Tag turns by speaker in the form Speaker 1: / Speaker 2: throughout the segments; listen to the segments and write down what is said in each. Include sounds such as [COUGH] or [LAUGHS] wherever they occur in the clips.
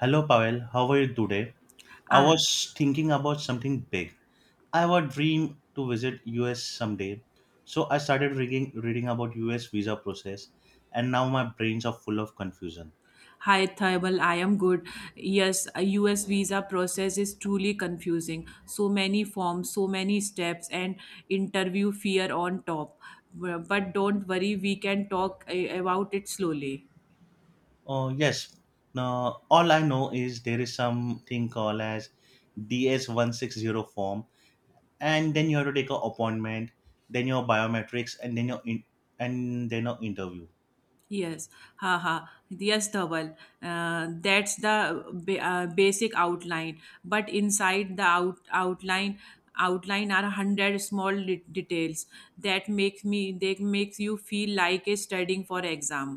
Speaker 1: Hello, Pavel. How are you today? I
Speaker 2: Ah,
Speaker 1: was thinking about something big. I have a dream to visit US someday. So I started reading about US visa process, and now my brains are full of confusion.
Speaker 2: hi, Thaibal. I am good. Yes, a US visa process is truly confusing. So many forms, so many steps, and interview fear on top. But don't worry, we can talk about it slowly.
Speaker 1: Oh yes. Now all I know is there is something called as DS160 form, and then you have to take an appointment, then your biometrics, and and then your interview.
Speaker 2: Yes, haha. Yes, Dhaval. That's the basic outline. But inside the outline are 100 small details that makes me they makes you feel like a studying for exam.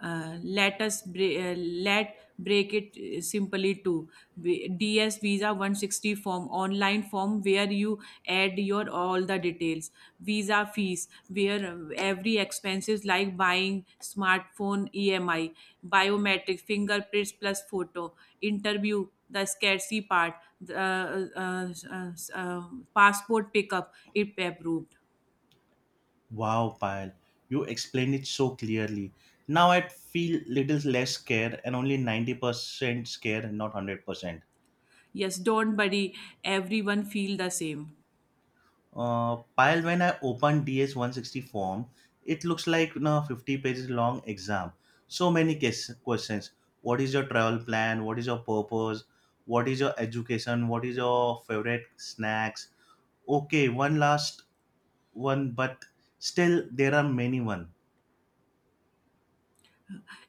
Speaker 2: Let us bre- let break it simply to ds visa 160 form online form where you add your all the details. Visa fees where every expenses like buying smartphone emi. Biometric fingerprints plus photo. Interview, the scarcity part. The, uh, uh, uh, uh, passport pickup if approved.
Speaker 1: Wow, Payal, you explained it so clearly. Now I feel little less scared and only 90% scared and not 100%.
Speaker 2: Yes, don't worry, everyone feel the same.
Speaker 1: Payal, when I opened DS 160 form, it looks like, 50 pages long exam. So many case, questions. What is your travel plan? What is your purpose? What is your education? What is your favorite snacks? Okay, one last one, but still there are many one.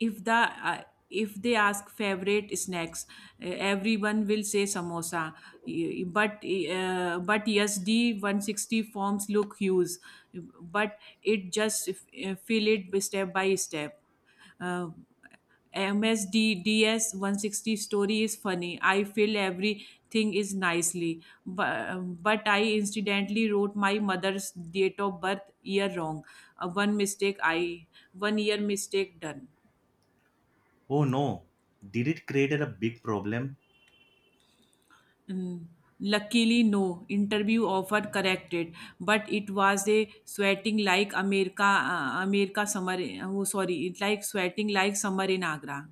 Speaker 2: if the uh, if they ask favorite snacks, uh, everyone will say samosa. But but yes, D 160 forms look huge, but it just fill it step by step. uh, MSDDS 160 story is funny. I feel everything is nicely, but I incidentally wrote my mother's date of birth year wrong. One 1 year mistake done.
Speaker 1: Oh no, did it create a big problem?
Speaker 2: Mm, Luckily, no. Interview offer corrected, but it was a sweating like America summer. Oh, sorry, it like sweating like summer in Agra.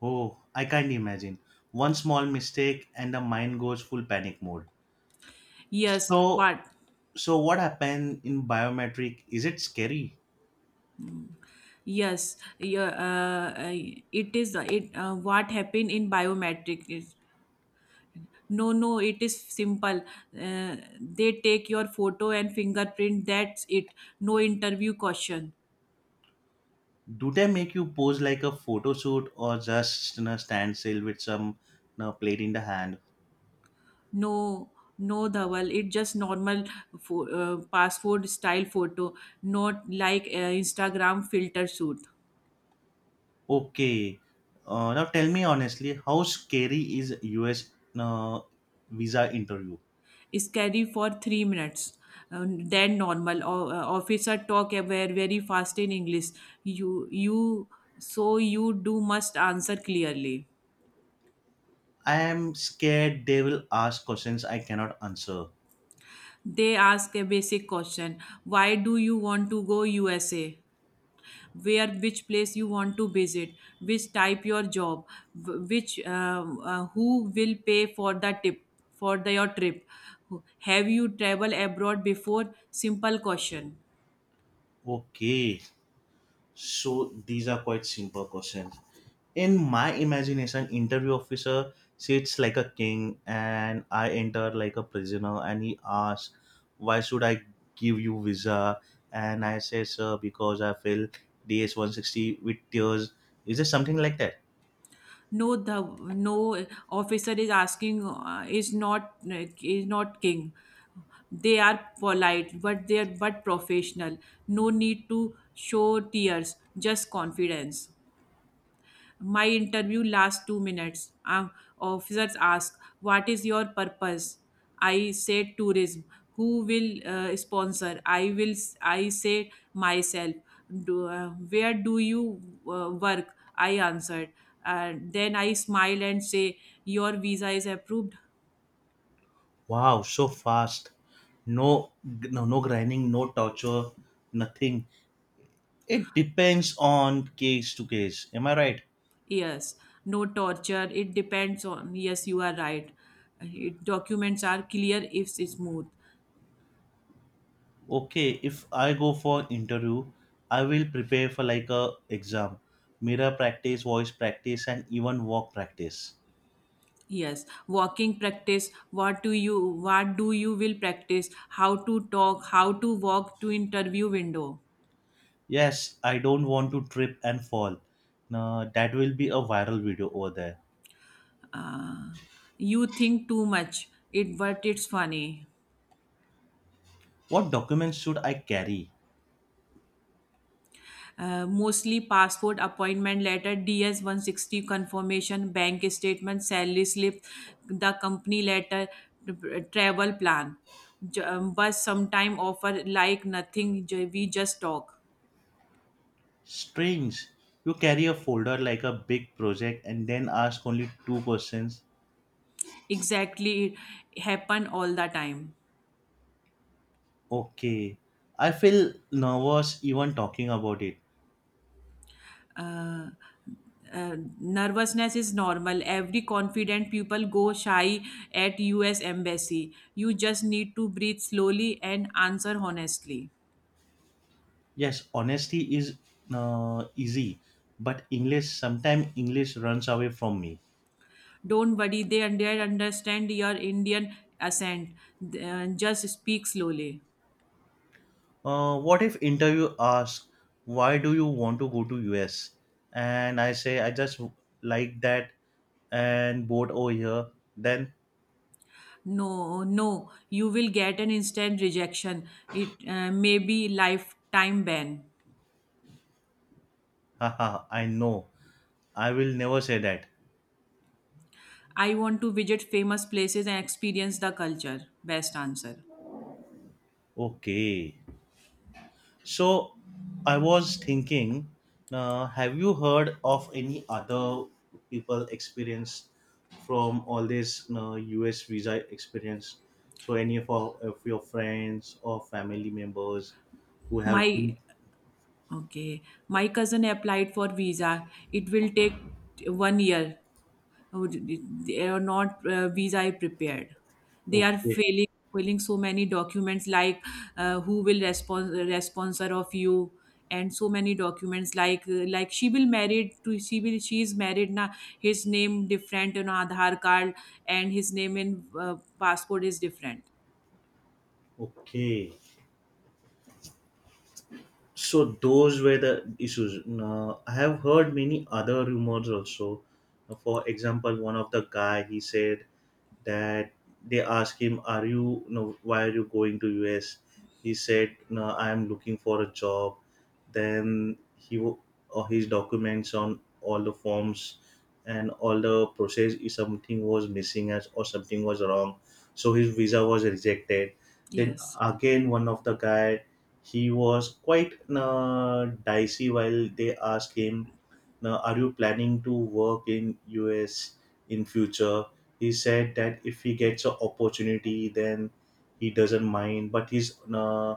Speaker 1: Oh, I can't imagine. One small mistake and the mind goes full panic mode.
Speaker 2: Yes,
Speaker 1: So,
Speaker 2: but
Speaker 1: so what happened in biometric? Is it scary?
Speaker 2: yes, yeah, it is it. What happened in biometric is no, no, it is simple. Uh, they take your photo and fingerprint. That's it. No interview question.
Speaker 1: Do they make you pose like a photo shoot, or just stand still with some, plate in the hand?
Speaker 2: No, no, Dhawal. It's just normal passport style photo, not like Instagram filter shoot.
Speaker 1: Okay. Now tell me honestly, how scary is US you visa interview?
Speaker 2: Scary for 3 minutes. Then normal. Officer talk very very fast in English. You So you do must answer clearly.
Speaker 1: I am scared they will ask questions I cannot answer.
Speaker 2: They ask a basic question. Why do you want to go USA? Where which place you want to visit, which type your job, which who will pay for the tip for the your trip. Have you traveled abroad before? Simple question.
Speaker 1: Okay. So these are quite simple questions. In my imagination, interview officer sits like a king and I enter like a prisoner, and he asks, why should I give you visa? And I say, sir, because I feel DS160 with tears. Is it something like that?
Speaker 2: no the no, officer is asking is not king. They are polite, but they are but professional. No need to show tears, just confidence. My interview lasts 2 minutes. Officers ask, "What is your purpose?" I say, "Tourism." Who will sponsor? I will. I say myself. Where do you work? I answered. And then I smile and say, "Your visa is approved."
Speaker 1: Wow, so fast. No, no, no grinding, no torture, nothing. It depends on case to case, am I right?
Speaker 2: Yes. No torture. It depends on. Yes, you are right. Documents are clear if it's smooth.
Speaker 1: Okay, if I go for interview, I will prepare for like a exam, mirror practice, voice practice, and even walk practice.
Speaker 2: Yes, walking practice. What do you will practice? How to talk, how to walk to interview window.
Speaker 1: Yes, I don't want to trip and fall. No, that will be a viral video over there.
Speaker 2: Uh, you think too much. It But it's funny.
Speaker 1: What documents should I carry?
Speaker 2: Mostly passport appointment letter, DS 160 confirmation, bank statement, salary slip, the company letter, travel plan. But sometime offer like nothing. We just talk.
Speaker 1: Strange, you carry a folder like a big project and then ask only two questions.
Speaker 2: Exactly, it happen all the time.
Speaker 1: Okay, I feel nervous even talking about it.
Speaker 2: uh, Nervousness is normal. Every confident people go shy at US embassy. You just need to breathe slowly and answer honestly.
Speaker 1: Yes, honesty is easy, but English sometimes English runs away from me.
Speaker 2: Don't worry, they understand your Indian accent. Just speak slowly.
Speaker 1: What if interview asks, "Why do you want to go to US?" and I say, "I just like that and bored over here." Then,
Speaker 2: No, no, you will get an instant rejection. It May be lifetime ban.
Speaker 1: [LAUGHS] haha, I know I will never say that.
Speaker 2: I want to visit famous places and experience the culture. Best answer.
Speaker 1: Okay. So I was thinking, have you heard of any other people experience from all this US visa experience? So of your friends or family members who have
Speaker 2: My
Speaker 1: been
Speaker 2: Okay. My cousin applied for visa. It will take 1 year. Oh, they are not visa prepared. They are
Speaker 1: okay,
Speaker 2: failing so many documents, like who will respond sponsor of you, and so many documents like she will married to she is married now. His name different in Aadhaar card, and his name in passport is different.
Speaker 1: okay. So those were the issues. Now, I have heard many other rumors also. For example, one of the guy, he said that they asked him, are you... no, why are you going to us? He said, no, I am looking for a job, then his documents on all the forms, and all the process, if something was missing as or something was wrong, so his visa was rejected. Then
Speaker 2: Yes.
Speaker 1: again, one of the guy, he was quite dicey while they asked him, "Now, are you planning to work in US in future?" He said that if he gets an opportunity, then he doesn't mind. But he's,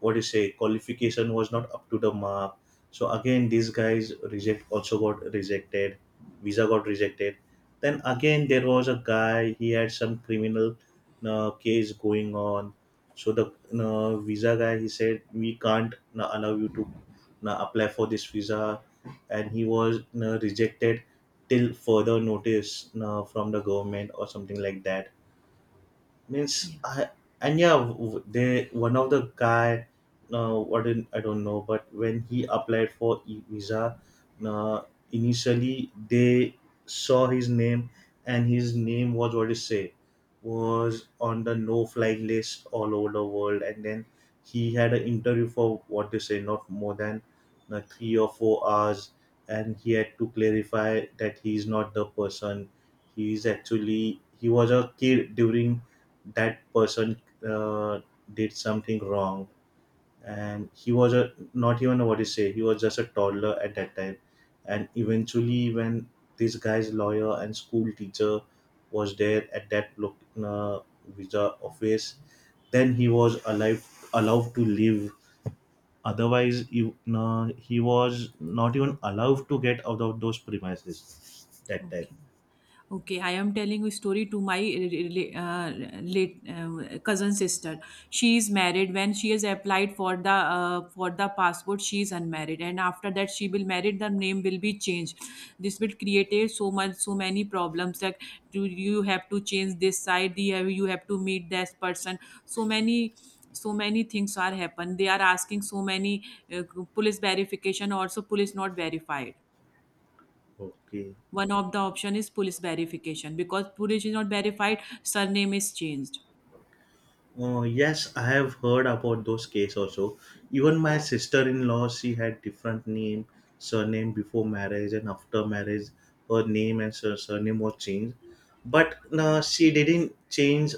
Speaker 1: what do you say, qualification was not up to the mark. So again, these guys reject also got rejected, visa got rejected. Then again, there was a guy, he had some criminal case going on, so the visa guy, he said, we can't allow you to apply for this visa, and he was rejected till further notice, from the government or something like that,
Speaker 2: Yeah.
Speaker 1: means I, and yeah, they, one of the guy, what in, I don't know, but when he applied for e visa, uh, initially they saw his name, and his name was what is say, was on the no fly list all over the world, and then he had an interview for what they say, not more than 3 or 4 hours, and he had to clarify that he is not the person, he is actually, he was a kid during that person uh, did something wrong, and he was a not even a, what you say, he was just a toddler at that time. And eventually when this guy's lawyer and school teacher was there at that look, uh, visa office, then he was alive allowed to live, otherwise he, he was not even allowed to get out of those premises that time.
Speaker 2: Okay. Okay, I am telling a story to my late cousin sister. She is married. When she has applied for the passport, she is unmarried, and after that she will married. The name will be changed. This will create a so much so many problems, that do you have to change this side? You have to meet this person? So many things are happen. They are asking so many uh, police verification. Also, police not verified.
Speaker 1: Okay.
Speaker 2: One of the option is police verification because police is not verified, surname is changed.
Speaker 1: Yes, I have heard about those cases also. Even my sister-in-law, she had different name, surname before marriage and after marriage. Her name and surname was changed, but no, she didn't change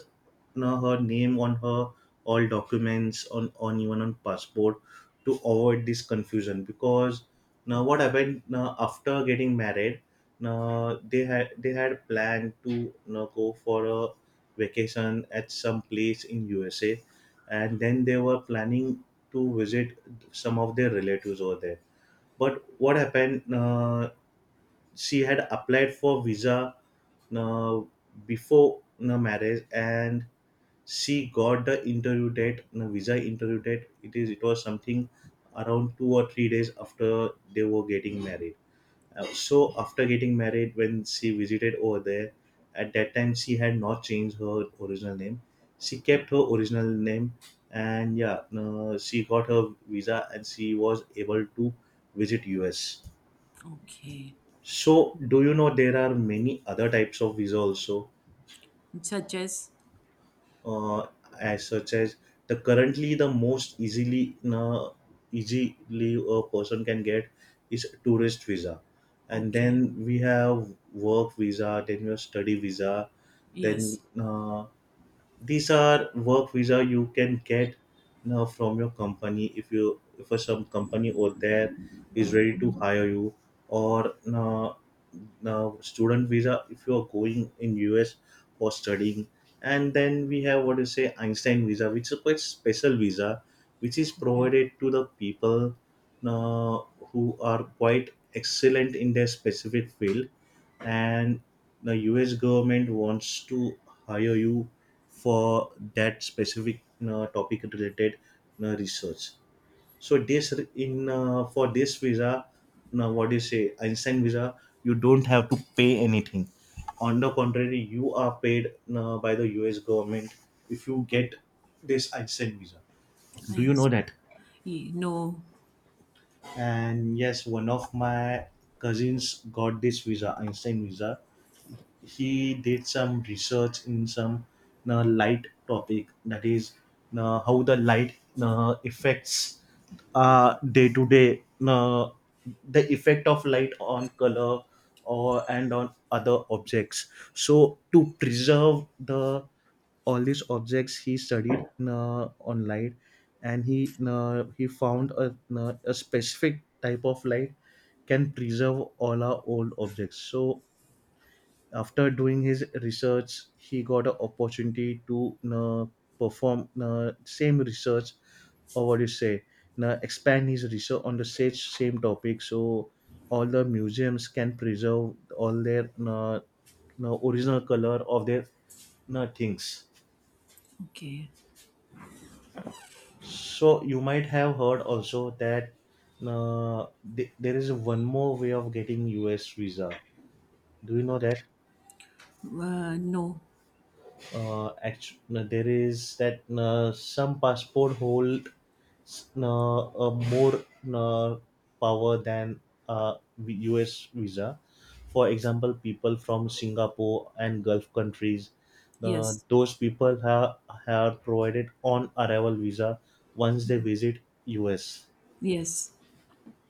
Speaker 1: know, her name on her all documents on even on passport, to avoid this confusion, because now what happened, now after getting married, now they had planned to now go for a vacation at some place in USA, and then they were planning to visit some of their relatives over there. But what happened, she had applied for visa uh, before the marriage, and she got the interview date, the visa interview date, it was something around 2 or 3 days after they were getting married. So after getting married, when she visited over there, at that time she had not changed her original name, she kept her original name. And yeah, she got her visa and she was able to visit us.
Speaker 2: Okay.
Speaker 1: So do you know there are many other types of visa also,
Speaker 2: Such as
Speaker 1: uh, as such as, the currently the most easily easily a person can get is tourist visa. And
Speaker 2: okay.
Speaker 1: then we have work visa, then we have study visa, then
Speaker 2: Yes.
Speaker 1: these are work visa, you can get now from your company, if you if a some company over there is ready to hire you. Or now, student visa, if you are going in us for studying. And then we have what you say einstein visa, which is quite special visa, which is
Speaker 2: Okay.
Speaker 1: provided to the people uh, who are quite excellent in their specific field, and the US government wants to hire you for that specific topic related research. So this re- in for this visa, now what do you say, Einstein visa, you don't have to pay anything. On the contrary, you are paid by the US government if you get this Einstein visa.
Speaker 2: I
Speaker 1: Do you
Speaker 2: guess.
Speaker 1: know that?
Speaker 2: No.
Speaker 1: And yes, one of my cousins got this visa, Einstein visa. He did some research in some light topic, that is how the light affects day to day, the effect of light on color or and on other objects, so to preserve the all these objects he studied on light, and he found a specific type of light can preserve all our old objects. So after doing his research he got an opportunity to perform same research, or what do you say, expand his research on the same topic, so all the museums can preserve all their original color of their things.
Speaker 2: Okay.
Speaker 1: So you might have heard also that uh, there is one more way of getting us visa, do you know that?
Speaker 2: No.
Speaker 1: There is that, some passport hold uh, more uh, power than uh, US visa. For example, people from Singapore and Gulf countries,
Speaker 2: Yes.
Speaker 1: those people have, provided on arrival visa once they visit US.
Speaker 2: Yes.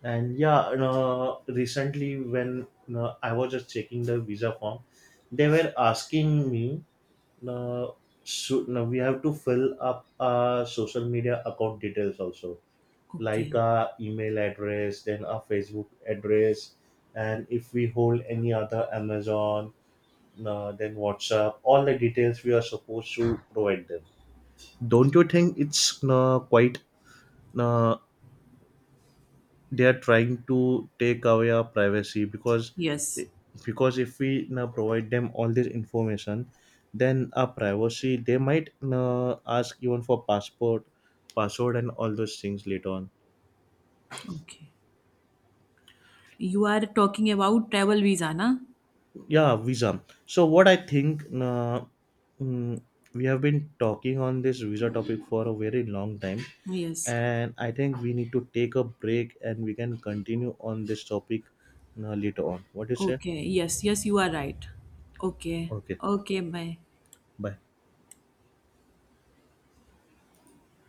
Speaker 1: And yeah, recently when I was just checking the visa form, they were asking me, uh, should, no, we have to fill up our social media account details also, like
Speaker 2: Okay.
Speaker 1: our email address, then our Facebook address, and if we hold any other Amazon, then WhatsApp, all the details we are supposed to provide them. Don't you think it's quite, uh, they are trying to take away our privacy? Because
Speaker 2: Yes.
Speaker 1: if we now provide them all this information, then our privacy, they might ask even for passport password and all those things later on.
Speaker 2: Okay. You are talking about travel visa, na?
Speaker 1: Yeah, visa. So what I think, mm, we have been talking on this visa topic for a very long time,
Speaker 2: Yes.
Speaker 1: and I think we need to take a break and we can continue on this topic later on. What do you say?
Speaker 2: Okay. Yes, yes, you are right. Okay.
Speaker 1: Okay,
Speaker 2: Okay. Bye.
Speaker 1: bye.